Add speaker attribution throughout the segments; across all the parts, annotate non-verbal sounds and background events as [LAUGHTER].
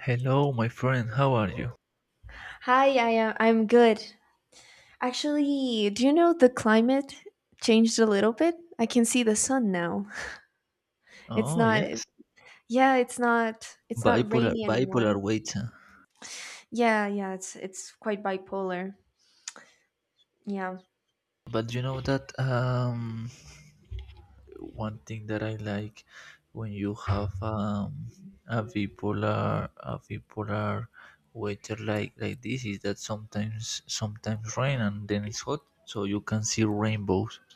Speaker 1: Hello, my friend. How are you?
Speaker 2: Hi, I'm good. Actually, do you know the climate changed a little bit? I can see the sun now. [LAUGHS] It's
Speaker 1: Oh,
Speaker 2: not
Speaker 1: yes.
Speaker 2: yeah, it's not
Speaker 1: Bipolar,
Speaker 2: rainy anymore.
Speaker 1: bipolar weight. Huh?
Speaker 2: Yeah, yeah, it's quite bipolar. Yeah.
Speaker 1: But you know that one thing that I like when you have a bipolar waiter like this is that sometimes rain and then it's hot, so you can see rainbows. [LAUGHS]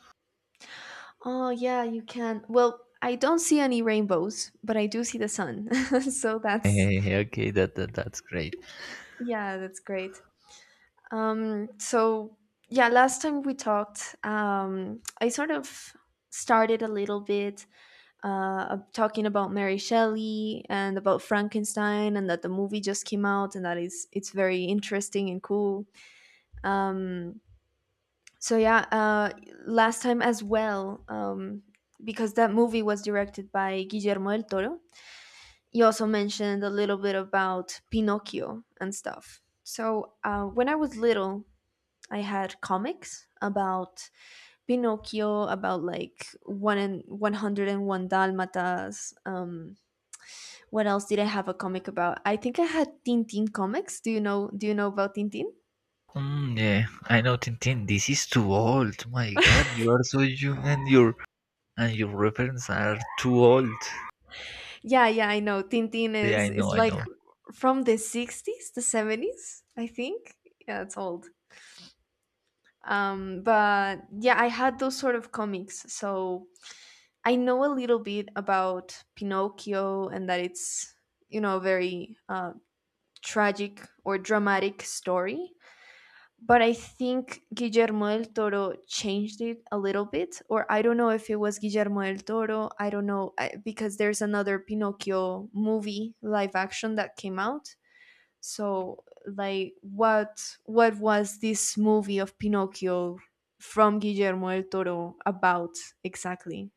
Speaker 2: Oh, yeah, you can. Well, I don't see any rainbows, but I do see the sun. [LAUGHS] So that's
Speaker 1: Hey, okay, that's great.
Speaker 2: yeah, that's great. Um so yeah, last time we talked, I sort of started a little bit of talking about Mary Shelley and about Frankenstein, and that the movie just came out, and that is it's very interesting and cool. Um, so yeah, last time as well, because that movie was directed by Guillermo del Toro. You also mentioned a little bit about Pinocchio and stuff. So when I was little, I had comics about Pinocchio, about like one and one hundred and one Dalmatas. What else did I have a comic about? I think I had Tintin comics. Do you know about Tintin?
Speaker 1: Mm, yeah, I know, Tintin. This is too old. My God, you are so young, and your references are too old.
Speaker 2: Yeah, yeah, I know. Tintin
Speaker 1: Yeah, I
Speaker 2: is is
Speaker 1: know, I
Speaker 2: like
Speaker 1: know.
Speaker 2: from the 60s, the 70s, I think. Yeah, it's old. But yeah, I had those sort of comics. So I know a little bit about Pinocchio and that it's a very tragic or dramatic story. But I think Guillermo del Toro changed it a little bit, or I don't know if it was Guillermo del Toro. I don't know, because there's another Pinocchio movie live action that came out. So, like, what was this movie of Pinocchio from Guillermo del Toro about exactly?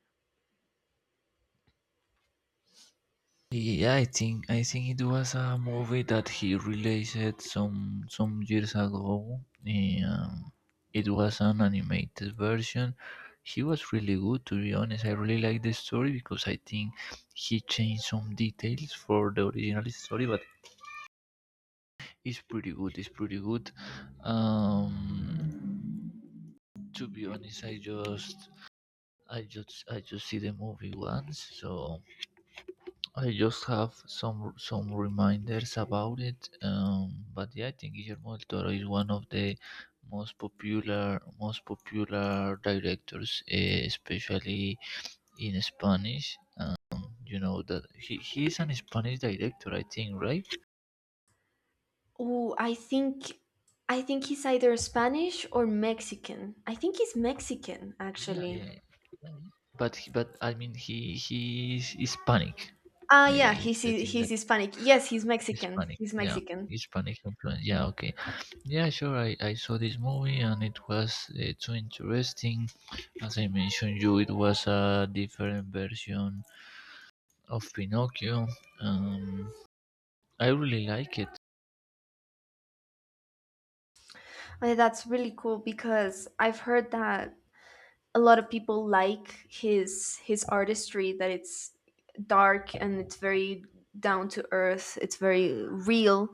Speaker 1: Yeah, I think it was a movie that he released some years ago. Um, it was an animated version. He was really good, to be honest. I really like the story because I think he changed some details for the original story, but it's pretty good. It's pretty good. Um, to be honest, I just see the movie once, so I just have some reminders about it. But yeah, I think Guillermo del Toro is one of the most popular directors, especially in Spanish. You know that he is an Spanish director, I think, right?
Speaker 2: Oh, I think he's either Spanish or Mexican. I think he's Mexican
Speaker 1: Yeah,
Speaker 2: actually.
Speaker 1: yeah, yeah. But I mean he is Hispanic.
Speaker 2: Ah,
Speaker 1: I
Speaker 2: yeah,
Speaker 1: It's
Speaker 2: he's
Speaker 1: the thing
Speaker 2: he's
Speaker 1: that
Speaker 2: Hispanic. Yes, he's Mexican.
Speaker 1: Hispanic.
Speaker 2: He's
Speaker 1: Yeah,
Speaker 2: Mexican.
Speaker 1: Hispanic influence. Yeah, okay. Yeah, sure. I saw this movie and it was too interesting. As I mentioned you, it was a different version of Pinocchio. Um, I really like it.
Speaker 2: That's really cool because I've heard that a lot of people like his artistry. That it's dark and it's very down to earth. It's very real.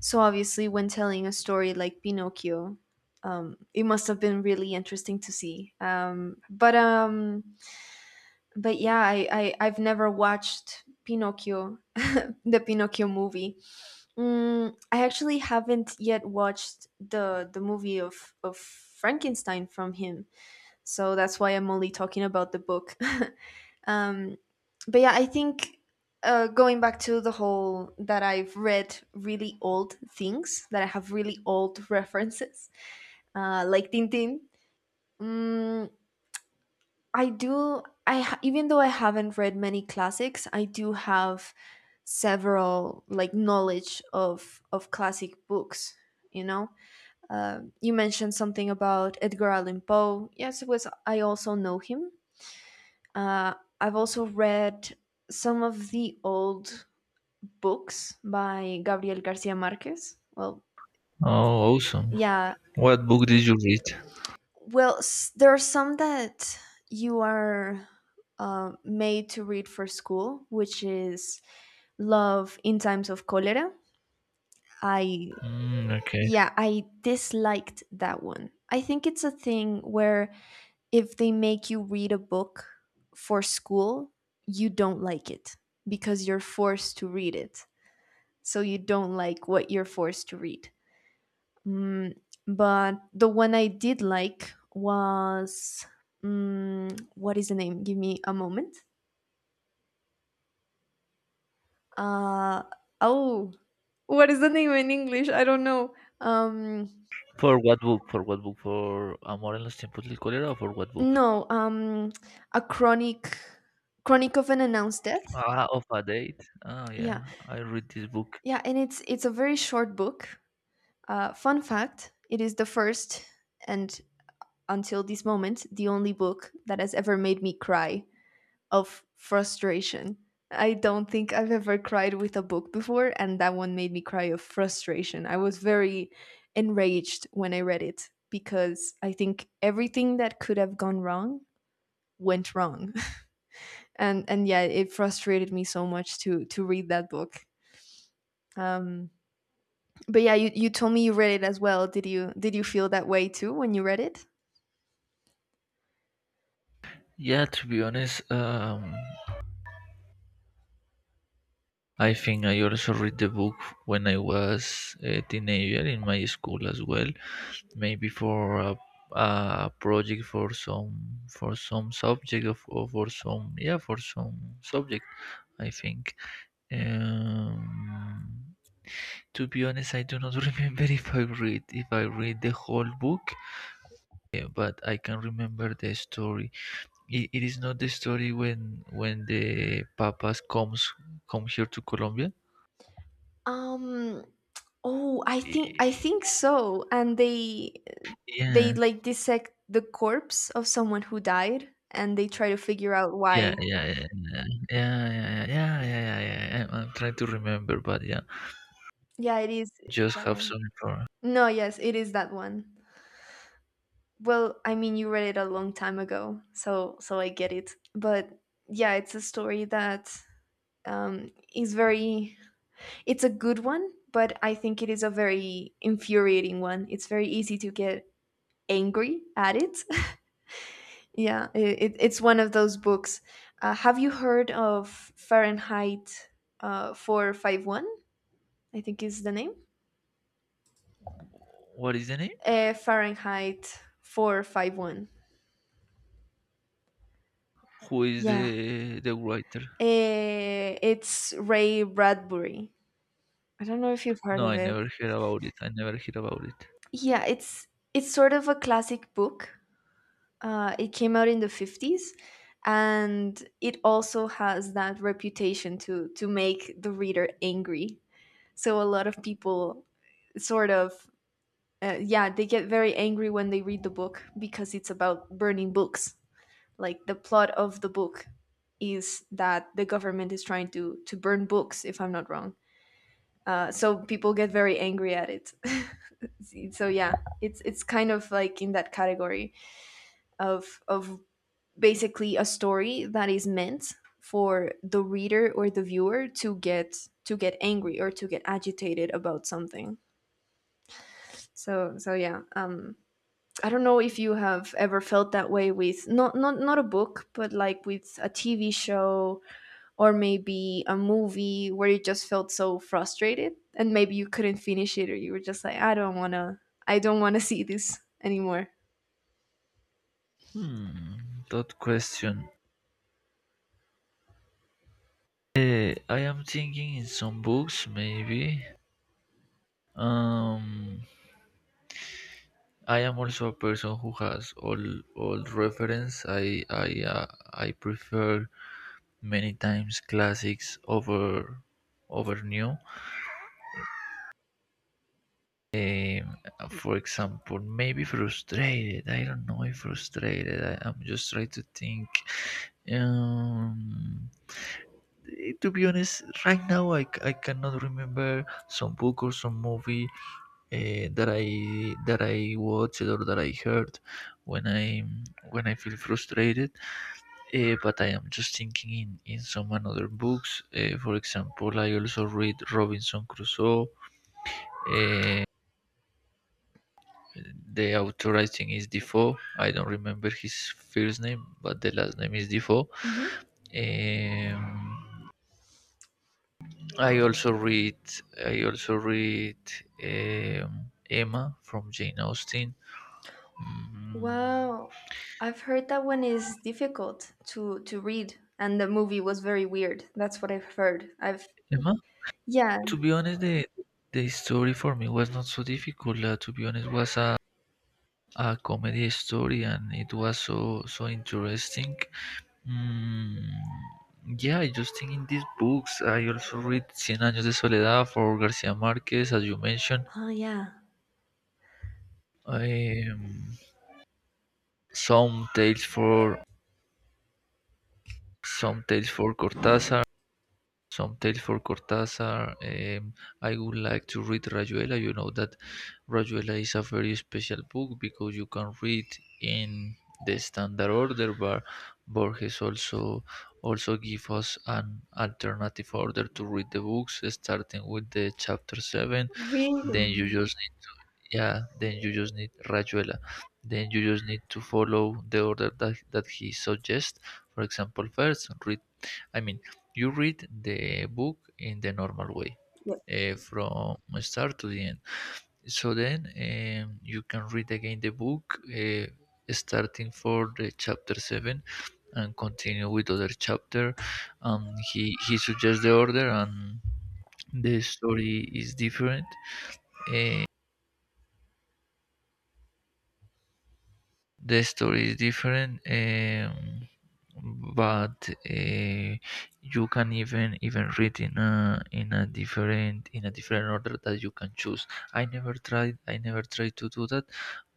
Speaker 2: So obviously, when telling a story like Pinocchio, it must have been really interesting to see. But yeah, I've never watched Pinocchio, [LAUGHS] the Pinocchio movie. I actually haven't yet watched the movie of Frankenstein from him, so that's why I'm only talking about the book. [LAUGHS] um, but yeah, I think going back to the whole that I've read really old things, that I have really old [LAUGHS] references, like Tintin. Mm, I do. Even though I haven't read many classics, I do have several like knowledge of classic books. You know, you mentioned something about Edgar Allan Poe. Yes, it was. I also know him. Uh, I've also read some of the old books by Gabriel Garcia Marquez. Well,
Speaker 1: Oh, awesome!
Speaker 2: yeah.
Speaker 1: What book did you read?
Speaker 2: Well, there are some that you are made to read for school, which is Love in Times of Cholera. I
Speaker 1: Mm, okay.
Speaker 2: yeah, I disliked that one. I think it's a thing where if they make you read a book for school, you don't like it because you're forced to read it. So you don't like what you're forced to read. Mm, but the one I did like was mm, what is the name? Give me a moment. Uh, oh, what is the name in English? I don't know. Um,
Speaker 1: For what book? For what book? For Amor en los tiempos del cólera? Or for what book?
Speaker 2: No, a chronic chronic of an announced death.
Speaker 1: Ah, of a date. Oh
Speaker 2: Yeah,
Speaker 1: yeah, I read this book.
Speaker 2: yeah, and it's a very short book. Fun fact: it is the first and until this moment the only book that has ever made me cry of frustration. I don't think I've ever cried with a book before, and that one made me cry of frustration. I was very enraged when I read it because I think everything that could have gone wrong went wrong. And yeah, it frustrated me so much to read that book. um but yeah, you told me you read it as well. Did you feel that way too when you read it?
Speaker 1: Yeah, to be honest, I think I also read the book when I was a teenager in my school as well, maybe for a project for some subject of or for some yeah for some subject. I think. Um, to be honest, I do not [LAUGHS] remember if I read the whole book, but I can remember the story. It is not the story when the papas come here to Colombia.
Speaker 2: Um, oh, I think I
Speaker 1: I-
Speaker 2: think so. And
Speaker 1: Yeah,
Speaker 2: they like dissect the corpse of someone who died, and they try to figure out
Speaker 1: yeah,
Speaker 2: why.
Speaker 1: yeah, yeah, yeah, yeah, yeah, yeah, yeah, yeah, yeah, yeah, yeah, I'm trying to remember, but yeah,
Speaker 2: Yeah, it is
Speaker 1: just
Speaker 2: that
Speaker 1: have
Speaker 2: one.
Speaker 1: some.
Speaker 2: No, yes, it is that one. Well, I mean, you read it a long time ago, so I get it. But yeah, it's a story that is very, it's a good one, but I think it is a very infuriating one. It's very easy to get angry at it. [LAUGHS] Yeah, it's one of those books. Have you heard of Fahrenheit 451? I think is the name.
Speaker 1: What is the name?
Speaker 2: Fahrenheit 451.
Speaker 1: Who is
Speaker 2: Yeah,
Speaker 1: the writer?
Speaker 2: it's Ray Bradbury. I don't know if you've heard
Speaker 1: No,
Speaker 2: of
Speaker 1: I
Speaker 2: it.
Speaker 1: never hear about it. I never hear about it.
Speaker 2: Yeah, it's sort of a classic book. It came out in the 50s, and it also has that reputation to make the reader angry. So a lot of people sort of yeah, they get very angry when they read the book because it's about burning books. Like the plot of the book is that the government is trying to burn books, if I'm not wrong. So people get very angry at it. [LAUGHS] So yeah, it's kind of like in that category of basically a story that is meant for the reader or the viewer to get angry or to get agitated about something. So yeah, I don't know if you have ever felt that way with not a book, but like with a TV show or maybe a movie, where you just felt so frustrated and maybe you couldn't finish it, or you were just like, I don't want to, I don't want to see this anymore.
Speaker 1: Hmm, that question. I am thinking in some books, maybe. Um, I am also a person who has all reference. Uh, I prefer many times classics over new. Um, for example, maybe frustrated. I don't know if frustrated. I'm just trying to think. Um, to be honest, right now I cannot remember some book or some movie that I watched or that I heard when I feel frustrated. But I am just thinking in some another books. For example, I also read Robinson Crusoe. The author I think is Defoe. I don't remember his first name, but the last name is Defoe.
Speaker 2: Hmm.
Speaker 1: Um, I also read I also read Emma from Jane Austen. Mm,
Speaker 2: Wow. I've heard that one is difficult to read and the movie was very weird. That's what I've heard. I've
Speaker 1: Emma, to
Speaker 2: yeah.
Speaker 1: be honest, the story for me was not so difficult. To be honest, was a comedy story and it was so interesting. Mm, yeah, I just think in these books. I also read Cien Años de Soledad for Garcia Marquez, as you mentioned.
Speaker 2: Oh yeah.
Speaker 1: Um, some tales for some tales for Cortázar. Some tales for Cortázar. I would like to read Rayuela. You know that Rayuela is a very special book because you can read in the standard order, but Borges also give us an alternative order to read the books, starting with the chapter seven. Then you
Speaker 2: Really?
Speaker 1: just need, yeah, then you just need Rayuela. Then you just need to follow the order that he suggests. For example, first read I mean, you read the book in the normal way,
Speaker 2: Yep.
Speaker 1: from start to the end. So then you can read again the book, starting for the chapter seven, and continue with other chapter. He suggests the order, and the story is different. The story is different, but you can even read in a different order that you can choose. I never tried to do that,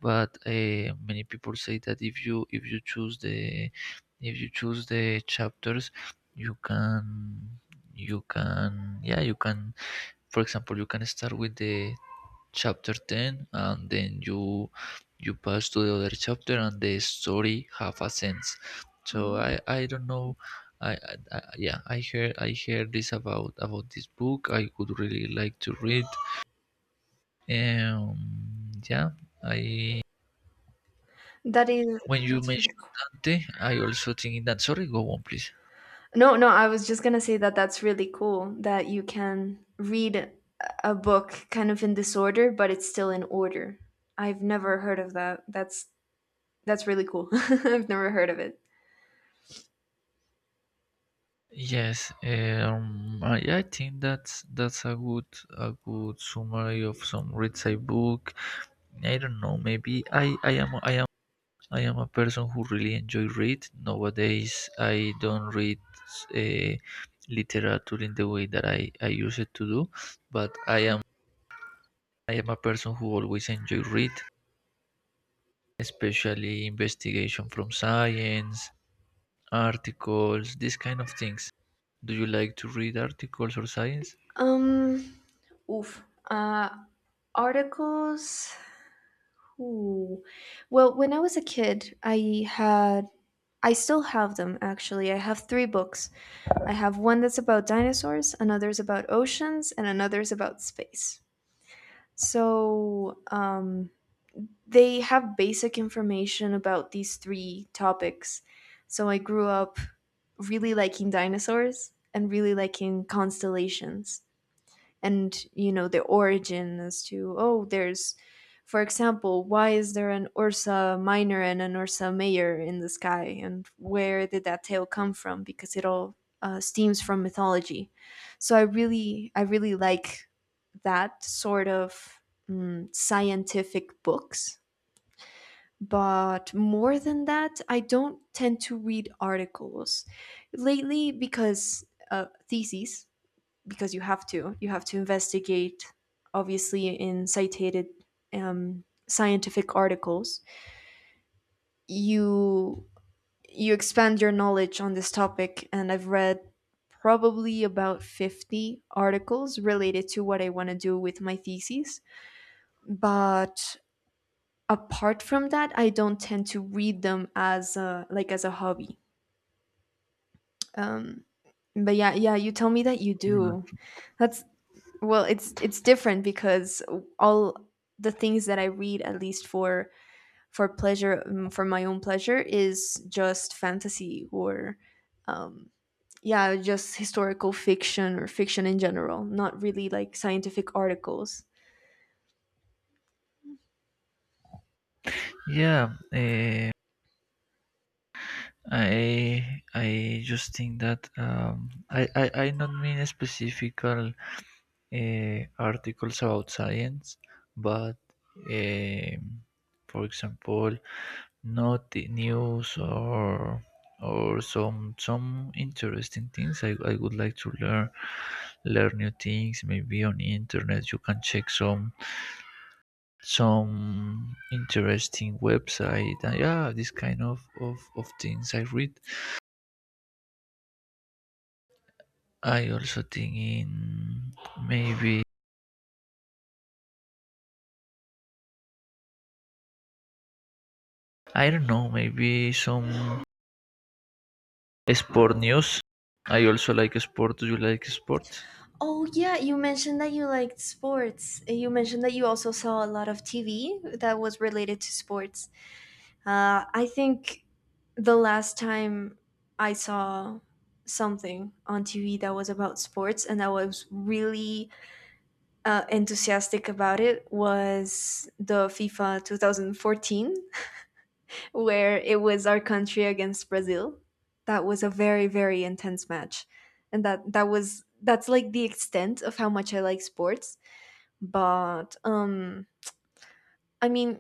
Speaker 1: but many people say that if you choose the chapters, you can, you can, for example, you can start with the chapter 10 and then you pass to the other chapter and the story have a sense. So I don't know. I heard this about this book. I would really like to read. Yeah. I
Speaker 2: That is
Speaker 1: when you
Speaker 2: that's really
Speaker 1: mentioned
Speaker 2: cool.
Speaker 1: Dante, I also think that. Sorry, go on please.
Speaker 2: No, no, I was just gonna say that that's really cool that you can read a book kind of in disorder, but it's still in order. I've never heard of that. That's really cool. [LAUGHS] I've never heard of it.
Speaker 1: Yes, I think that's a good summary of some reads I book. I don't know, maybe I am a person who really enjoy read. Nowadays, I don't read uh, literature in the way that I used to do, but I am a person who always enjoy read, especially investigation from science, articles, these kind of things. Do you like to read articles or science?
Speaker 2: Um, oof. Uh, articles. Ooh. Well, when I was a kid, I still have them actually. I have three books. I have one that's about dinosaurs, another's about oceans, and another's about space. So, they have basic information about these three topics. So I grew up really liking dinosaurs and really liking constellations, and you know the origin as to, oh, there's, for example, why is there an Ursa Minor and an Ursa Major in the sky, and where did that tale come from, because it all stems from mythology. So I really like that sort of mm, scientific books. But more than that, I don't tend to read articles lately because theses because you have to. You have to investigate, obviously, in cited scientific articles. You you expand your knowledge on this topic, and I've read probably about 50 articles related to what I want to do with my thesis. But apart from that, I don't tend to read them as a, like as a hobby. Um, but yeah, yeah, you tell me that you do.
Speaker 1: Mm.
Speaker 2: That's Well, it's different because all the things that I read, at least for pleasure, for my own pleasure, is just fantasy or yeah, just historical fiction or fiction in general, not really like scientific articles.
Speaker 1: Yeah, I just think that I not mean a specific articles about science, but um, for example, not the news or some interesting things. I would like to learn new things. Maybe on internet you can check some interesting website. Yeah, this kind of things I read. I also think in maybe I don't know, maybe some sport news. I also like sport. Do you like sport?
Speaker 2: Oh yeah, you mentioned that you liked sports. You mentioned that you also saw a lot of TV that was related to sports. I think the last time I saw something on TV that was about sports and I was really enthusiastic about, it was the FIFA 2014, where it was our country against Brazil. That was a very, very intense match. And that was, that's like the extent of how much I like sports. But I mean,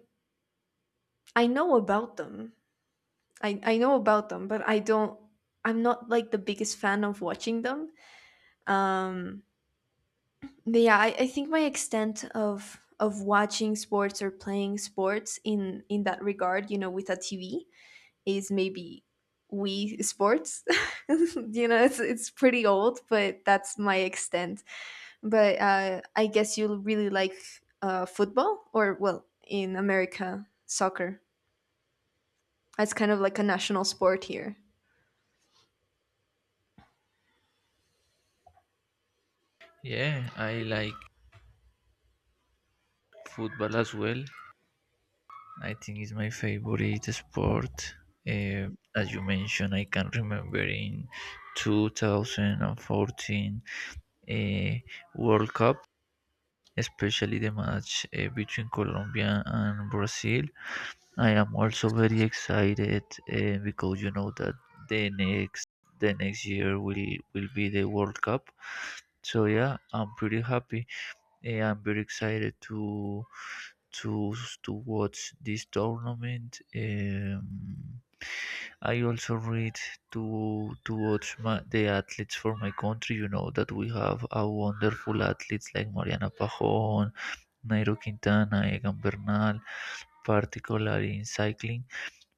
Speaker 2: I know about them. I know about them, but I'm not like the biggest fan of watching them. Um, but yeah, I think my extent of watching sports or playing sports in that regard, you know, with a TV, is maybe Wii Sports. [LAUGHS] You know, it's pretty old, but that's my extent. But I guess you really like football, or well, in America, soccer. It's kind of like a national sport here.
Speaker 1: Yeah, I like football as well. I think it's my favorite sport. Uh, as you mentioned, I can remember in 2014 uh, World Cup, especially the match between Colombia and Brazil. I am also very excited because you know that the next the next year will be the World Cup. So yeah, I'm pretty happy. I'm very excited to to watch this tournament. I also read to watch the athletes for my country. You know that we have a wonderful athletes like Mariana Pajon, Nairo Quintana, Egan Bernal, particularly in cycling,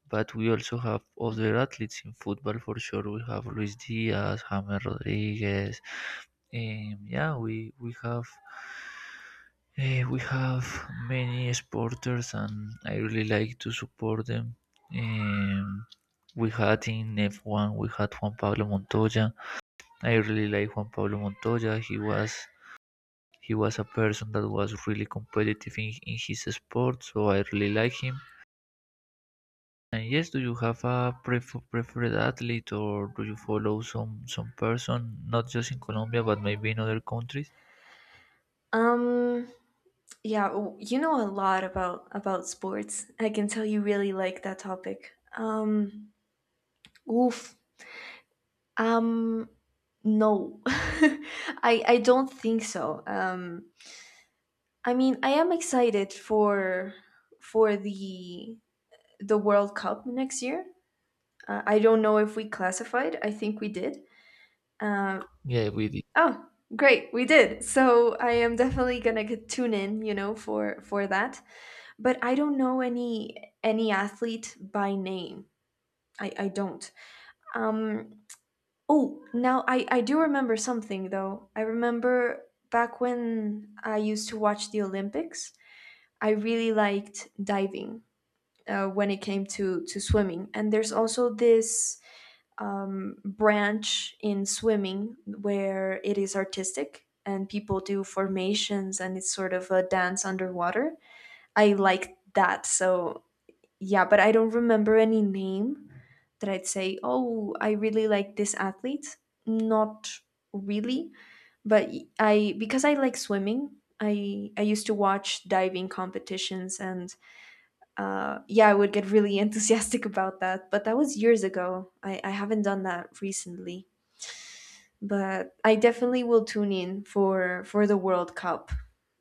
Speaker 1: but we also have other athletes in football for sure. We have Luis Diaz, James Rodriguez, and yeah, we have many sporters, and I really like to support them. Um, we had in F1, we had Juan Pablo Montoya. I really like Juan Pablo Montoya. He was a person that was really competitive in his sport, so I really like him. And yes, do you have a preferred athlete, or do you follow some person, not just in Colombia, but maybe in other countries?
Speaker 2: Um, Yeah, you know a lot about sports. I can tell you really like that topic. Oof. Um, no, [LAUGHS] I don't think so. I mean, I am excited for for the the World Cup next year. I don't know if we classified. I think we did. Um,
Speaker 1: Yeah, we did.
Speaker 2: oh, great, we did. So I am definitely gonna tune in, you know, for that. But I don't know any athlete by name. I don't. Um. Oh, now I do remember something though. I remember back when I used to watch the Olympics. I really liked diving. When it came to swimming, and there's also this branch in swimming where it is artistic and people do formations, and it's sort of a dance underwater. I like that. So yeah, but I don't remember any name that I'd say, "Oh, I really like this athlete." Not really, but I because I like swimming. I used to watch diving competitions and yeah, I would get really [LAUGHS] enthusiastic about that. But that was years ago. I haven't done that recently, but I definitely will tune in for the World Cup.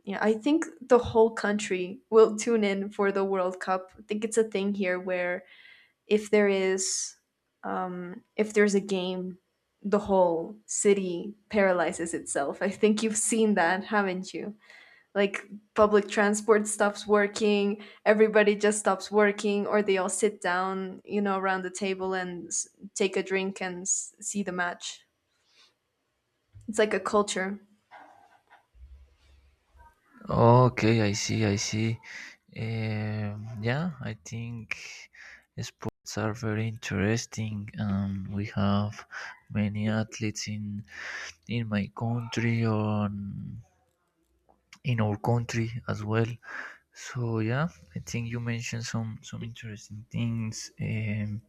Speaker 2: Yeah, I think the whole country will tune in for the World Cup. I think it's a thing here where if there is if there's a game, the whole city paralyzes itself. I think you've seen that, haven't you? Like, public transport stops working, everybody just stops working, or they all sit down, around the table and take a drink and see the match. It's like a culture.
Speaker 1: Okay, I see, I see. Yeah, I think sports are very interesting. We have many athletes in my country or in our country as well. So yeah, I think you mentioned some interesting things.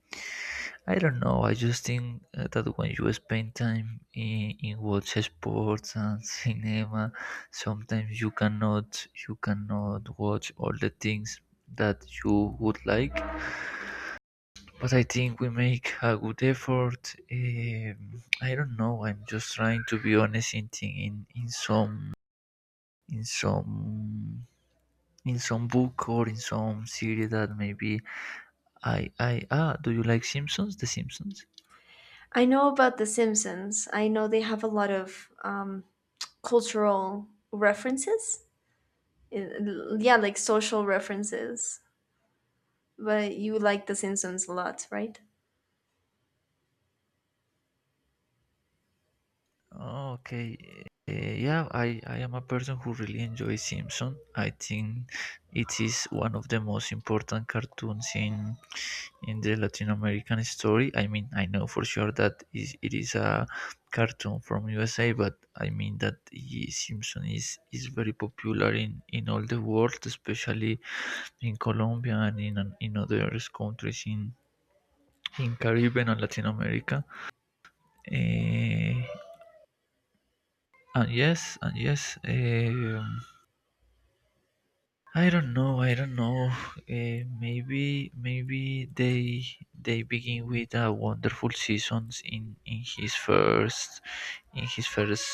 Speaker 1: I don't know. I just think that when you spend time in watch sports and cinema, sometimes you cannot watch all the things that you would like. But I think we make a good effort. I don't know. I'm just trying to be honest in some in some in some book or in some series that maybe I ah. Do you like Simpsons? The Simpsons?
Speaker 2: I know about The Simpsons. I know they have a lot of cultural references. Yeah, like social references. But you like The Simpsons a lot, right?
Speaker 1: Oh, okay. Yeah, I am a person who really enjoys Simpson. I think it is one of the most important cartoons in the Latin American story. I mean, I know for sure that is it is a cartoon from USA, but I mean that Simpson is very popular in all the world, especially in Colombia and in other countries in Caribbean and Latin America. Eh, And yes, and yes. I don't know. I don't know. Maybe they begin with a wonderful seasons in his first in his first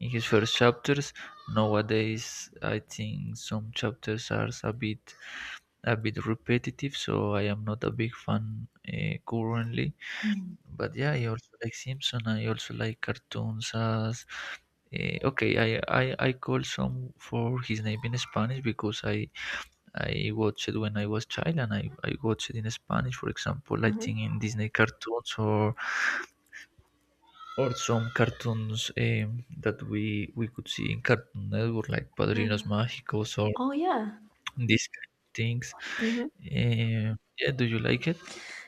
Speaker 1: in his first chapters. Nowadays, I think some chapters are a bit repetitive, so I am not a big fan currently. But yeah, I also like Simpson. I also like cartoons as okay. I call some for his name in Spanish because I watched it when I was child and I watched it in Spanish. For example, I
Speaker 2: Uh-huh.
Speaker 1: think in Disney cartoons or some cartoons that we could see in Cartoon Network like Padrinos
Speaker 2: Yeah.
Speaker 1: Mágicos or
Speaker 2: Oh yeah.
Speaker 1: these kind of things.
Speaker 2: Hmm.
Speaker 1: Eh, yeah, do you like it?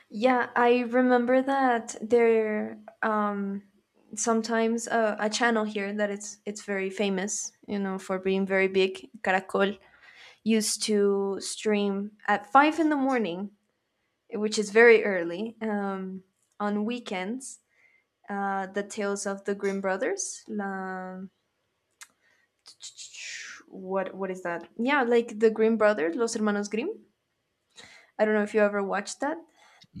Speaker 2: Yeah, I remember that there sometimes a channel here that it's very famous, for being very big, Caracol, used to stream at 5 in the morning, which is very early, on weekends. The tales of the Grimm brothers. What is that? Yeah, like the Grimm brothers, Los Hermanos Grimm. I don't know if you ever watched that.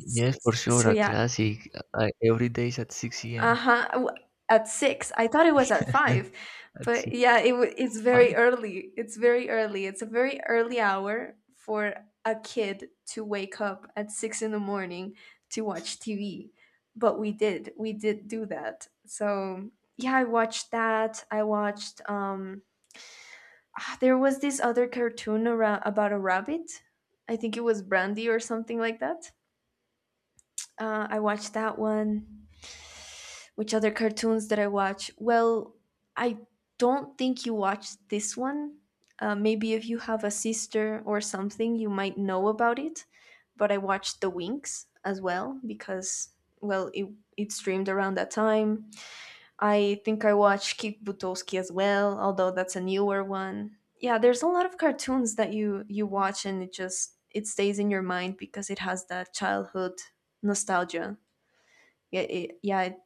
Speaker 1: for sure,
Speaker 2: So
Speaker 1: a
Speaker 2: yeah.
Speaker 1: classic. Every day is at 6
Speaker 2: Uh
Speaker 1: a.m.
Speaker 2: huh. At 6, I thought it was at 5,
Speaker 1: [LAUGHS] at
Speaker 2: but yeah, it's
Speaker 1: Uh,
Speaker 2: very early. It's very early. It's a very early hour for a kid to wake up at 6 in the morning to watch TV. But we did do that. So yeah, I watched that. I watched. There was this other cartoon around about a rabbit. I think it was Brandy or something like that. I watched that one. Which other cartoons did I watch? Well, I don't think you watched this one. Maybe if you have a sister or something, you might know about it. But I watched The Winx as well because, well, it streamed around that time. I think I watch Kick Butowski as well, although that's a newer one. Yeah, there's a lot of cartoons that you watch and it just it stays in your mind because it has that childhood nostalgia. Yeah, it, yeah, it,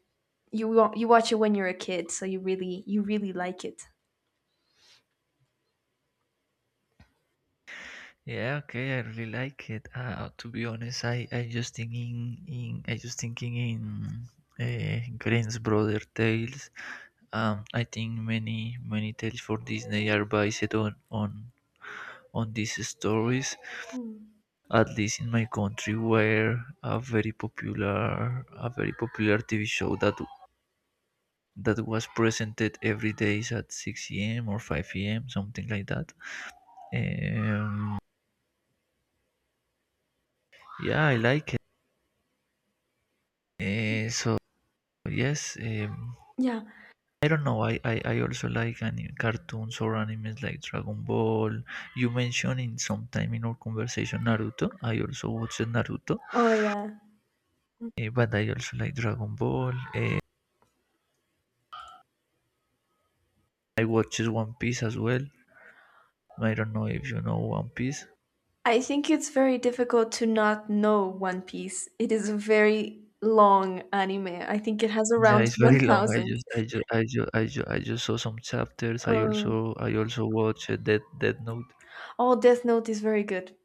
Speaker 2: you wa- you watch it when you're a kid, so you really like it.
Speaker 1: yeah, okay, I really like it. To be honest, I just thinking in Grimm's Brother Tales. I think many tales for Disney are based on these stories.
Speaker 2: Mm.
Speaker 1: At least in my country, where a very popular a very popular TV show that was presented every days at 6 a.m. or 5 a.m. something like that. Um, yeah, I like it. So yes,
Speaker 2: Yeah.
Speaker 1: I don't know. I also like anime, cartoons or animes like Dragon Ball. You mentioned in some time in our conversation Naruto. I also watched Naruto,
Speaker 2: Oh yeah.
Speaker 1: but I also like Dragon Ball. I watched One Piece as well. I don't know if you know One Piece.
Speaker 2: I think it's very difficult to not know One Piece. It is a very long anime. I think it has
Speaker 1: Yeah,
Speaker 2: around
Speaker 1: it's
Speaker 2: [LAUGHS]
Speaker 1: very [LAUGHS] long.
Speaker 2: 1,000.
Speaker 1: I just saw some chapters. I
Speaker 2: Um,
Speaker 1: also I also watched Dead Note.
Speaker 2: oh, Death Note is very good.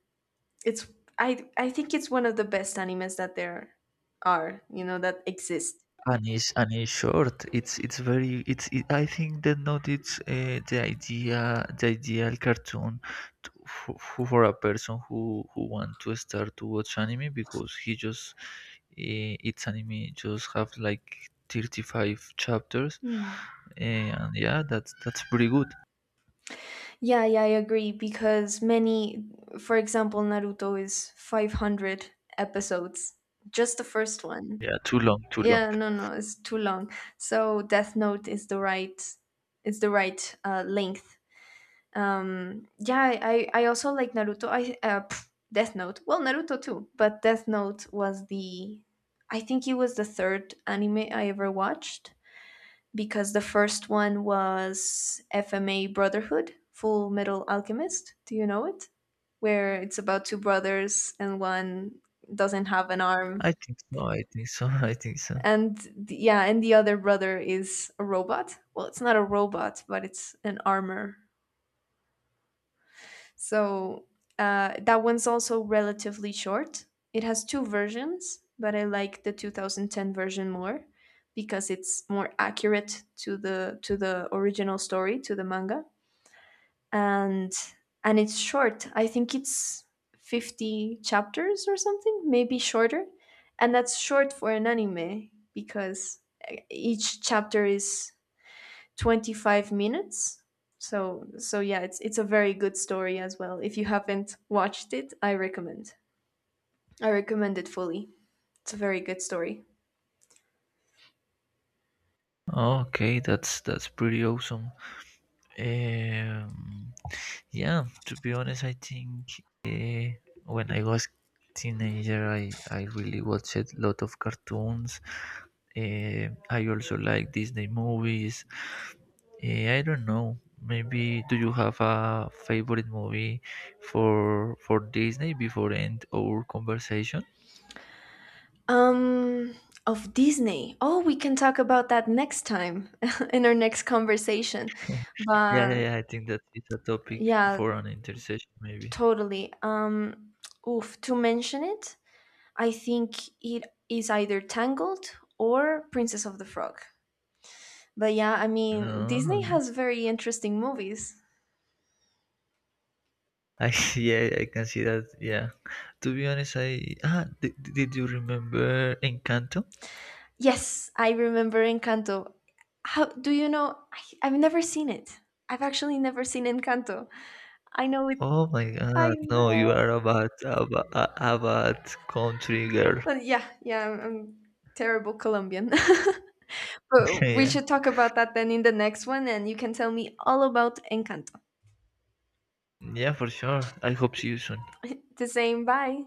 Speaker 2: It's I think it's one of the best animes that there are, that exist.
Speaker 1: And it's short. It's I think that not it's the ideal cartoon to, for, for a person who want to start to watch anime because he just its anime just have like 35 chapters.
Speaker 2: Hmm.
Speaker 1: And yeah that's pretty good.
Speaker 2: Yeah, yeah, I agree because many, for example, Naruto is 500 episodes, just the first one.
Speaker 1: Yeah, too long, too long.
Speaker 2: Yeah, no, no, it's too long. So Death Note is the right length. Yeah, I I also like Naruto. Death Note, well, Naruto too. But Death Note. Was the I think it was the third anime I ever watched, because the first one was FMA Brotherhood, full metal alchemist. Do you know it? Where it's about two brothers and one doesn't have an arm.
Speaker 1: I think so, I think so, [LAUGHS] I think so.
Speaker 2: And yeah, and the other brother is a robot. Well, it's not a robot, but it's an armor. So that one's also relatively short. It has two versions, but I like the 2010 version more because it's more accurate to the original story, to the manga. And and it's short. I think it's 50 chapters or something, maybe shorter. And that's short for an anime because each chapter is 25 minutes. So yeah, it's a very good story as well. If you haven't watched it, I recommend. I recommend it fully. It's a very good story.
Speaker 1: Okay, that's pretty awesome. um Yeah, to be honest, I think when I was teenager, I really watched a lot of cartoons. I also like Disney movies. I don't know. Maybe do you have a favorite movie for Disney before end our conversation?
Speaker 2: Um of Disney. Oh, we can talk about that next time [LAUGHS] in our next conversation.
Speaker 1: [LAUGHS] Yeah, yeah,
Speaker 2: But
Speaker 1: yeah, I think that is a topic
Speaker 2: yeah,
Speaker 1: for an intersection maybe.
Speaker 2: totally. Oof, to mention it, I think it is either Tangled or Princess of the Frog. But yeah, I mean,
Speaker 1: No, no,
Speaker 2: Disney
Speaker 1: no.
Speaker 2: has very interesting movies.
Speaker 1: I [LAUGHS] yeah, I can see that. Yeah. To be honest, did you remember Encanto?
Speaker 2: Yes, I remember Encanto. How do you know? I've never seen it. I've actually never seen Encanto. I know it.
Speaker 1: Oh my
Speaker 2: I
Speaker 1: God! No, you
Speaker 2: know.
Speaker 1: are a bad, a, ba- a bad country girl.
Speaker 2: Yeah, yeah. I'm terrible Colombian. [LAUGHS]
Speaker 1: [LAUGHS]
Speaker 2: But we
Speaker 1: yeah.
Speaker 2: should talk about that then in the next one, and you can tell me all about Encanto.
Speaker 1: Yeah, for sure. I hope see you soon.
Speaker 2: [LAUGHS] The same. Bye.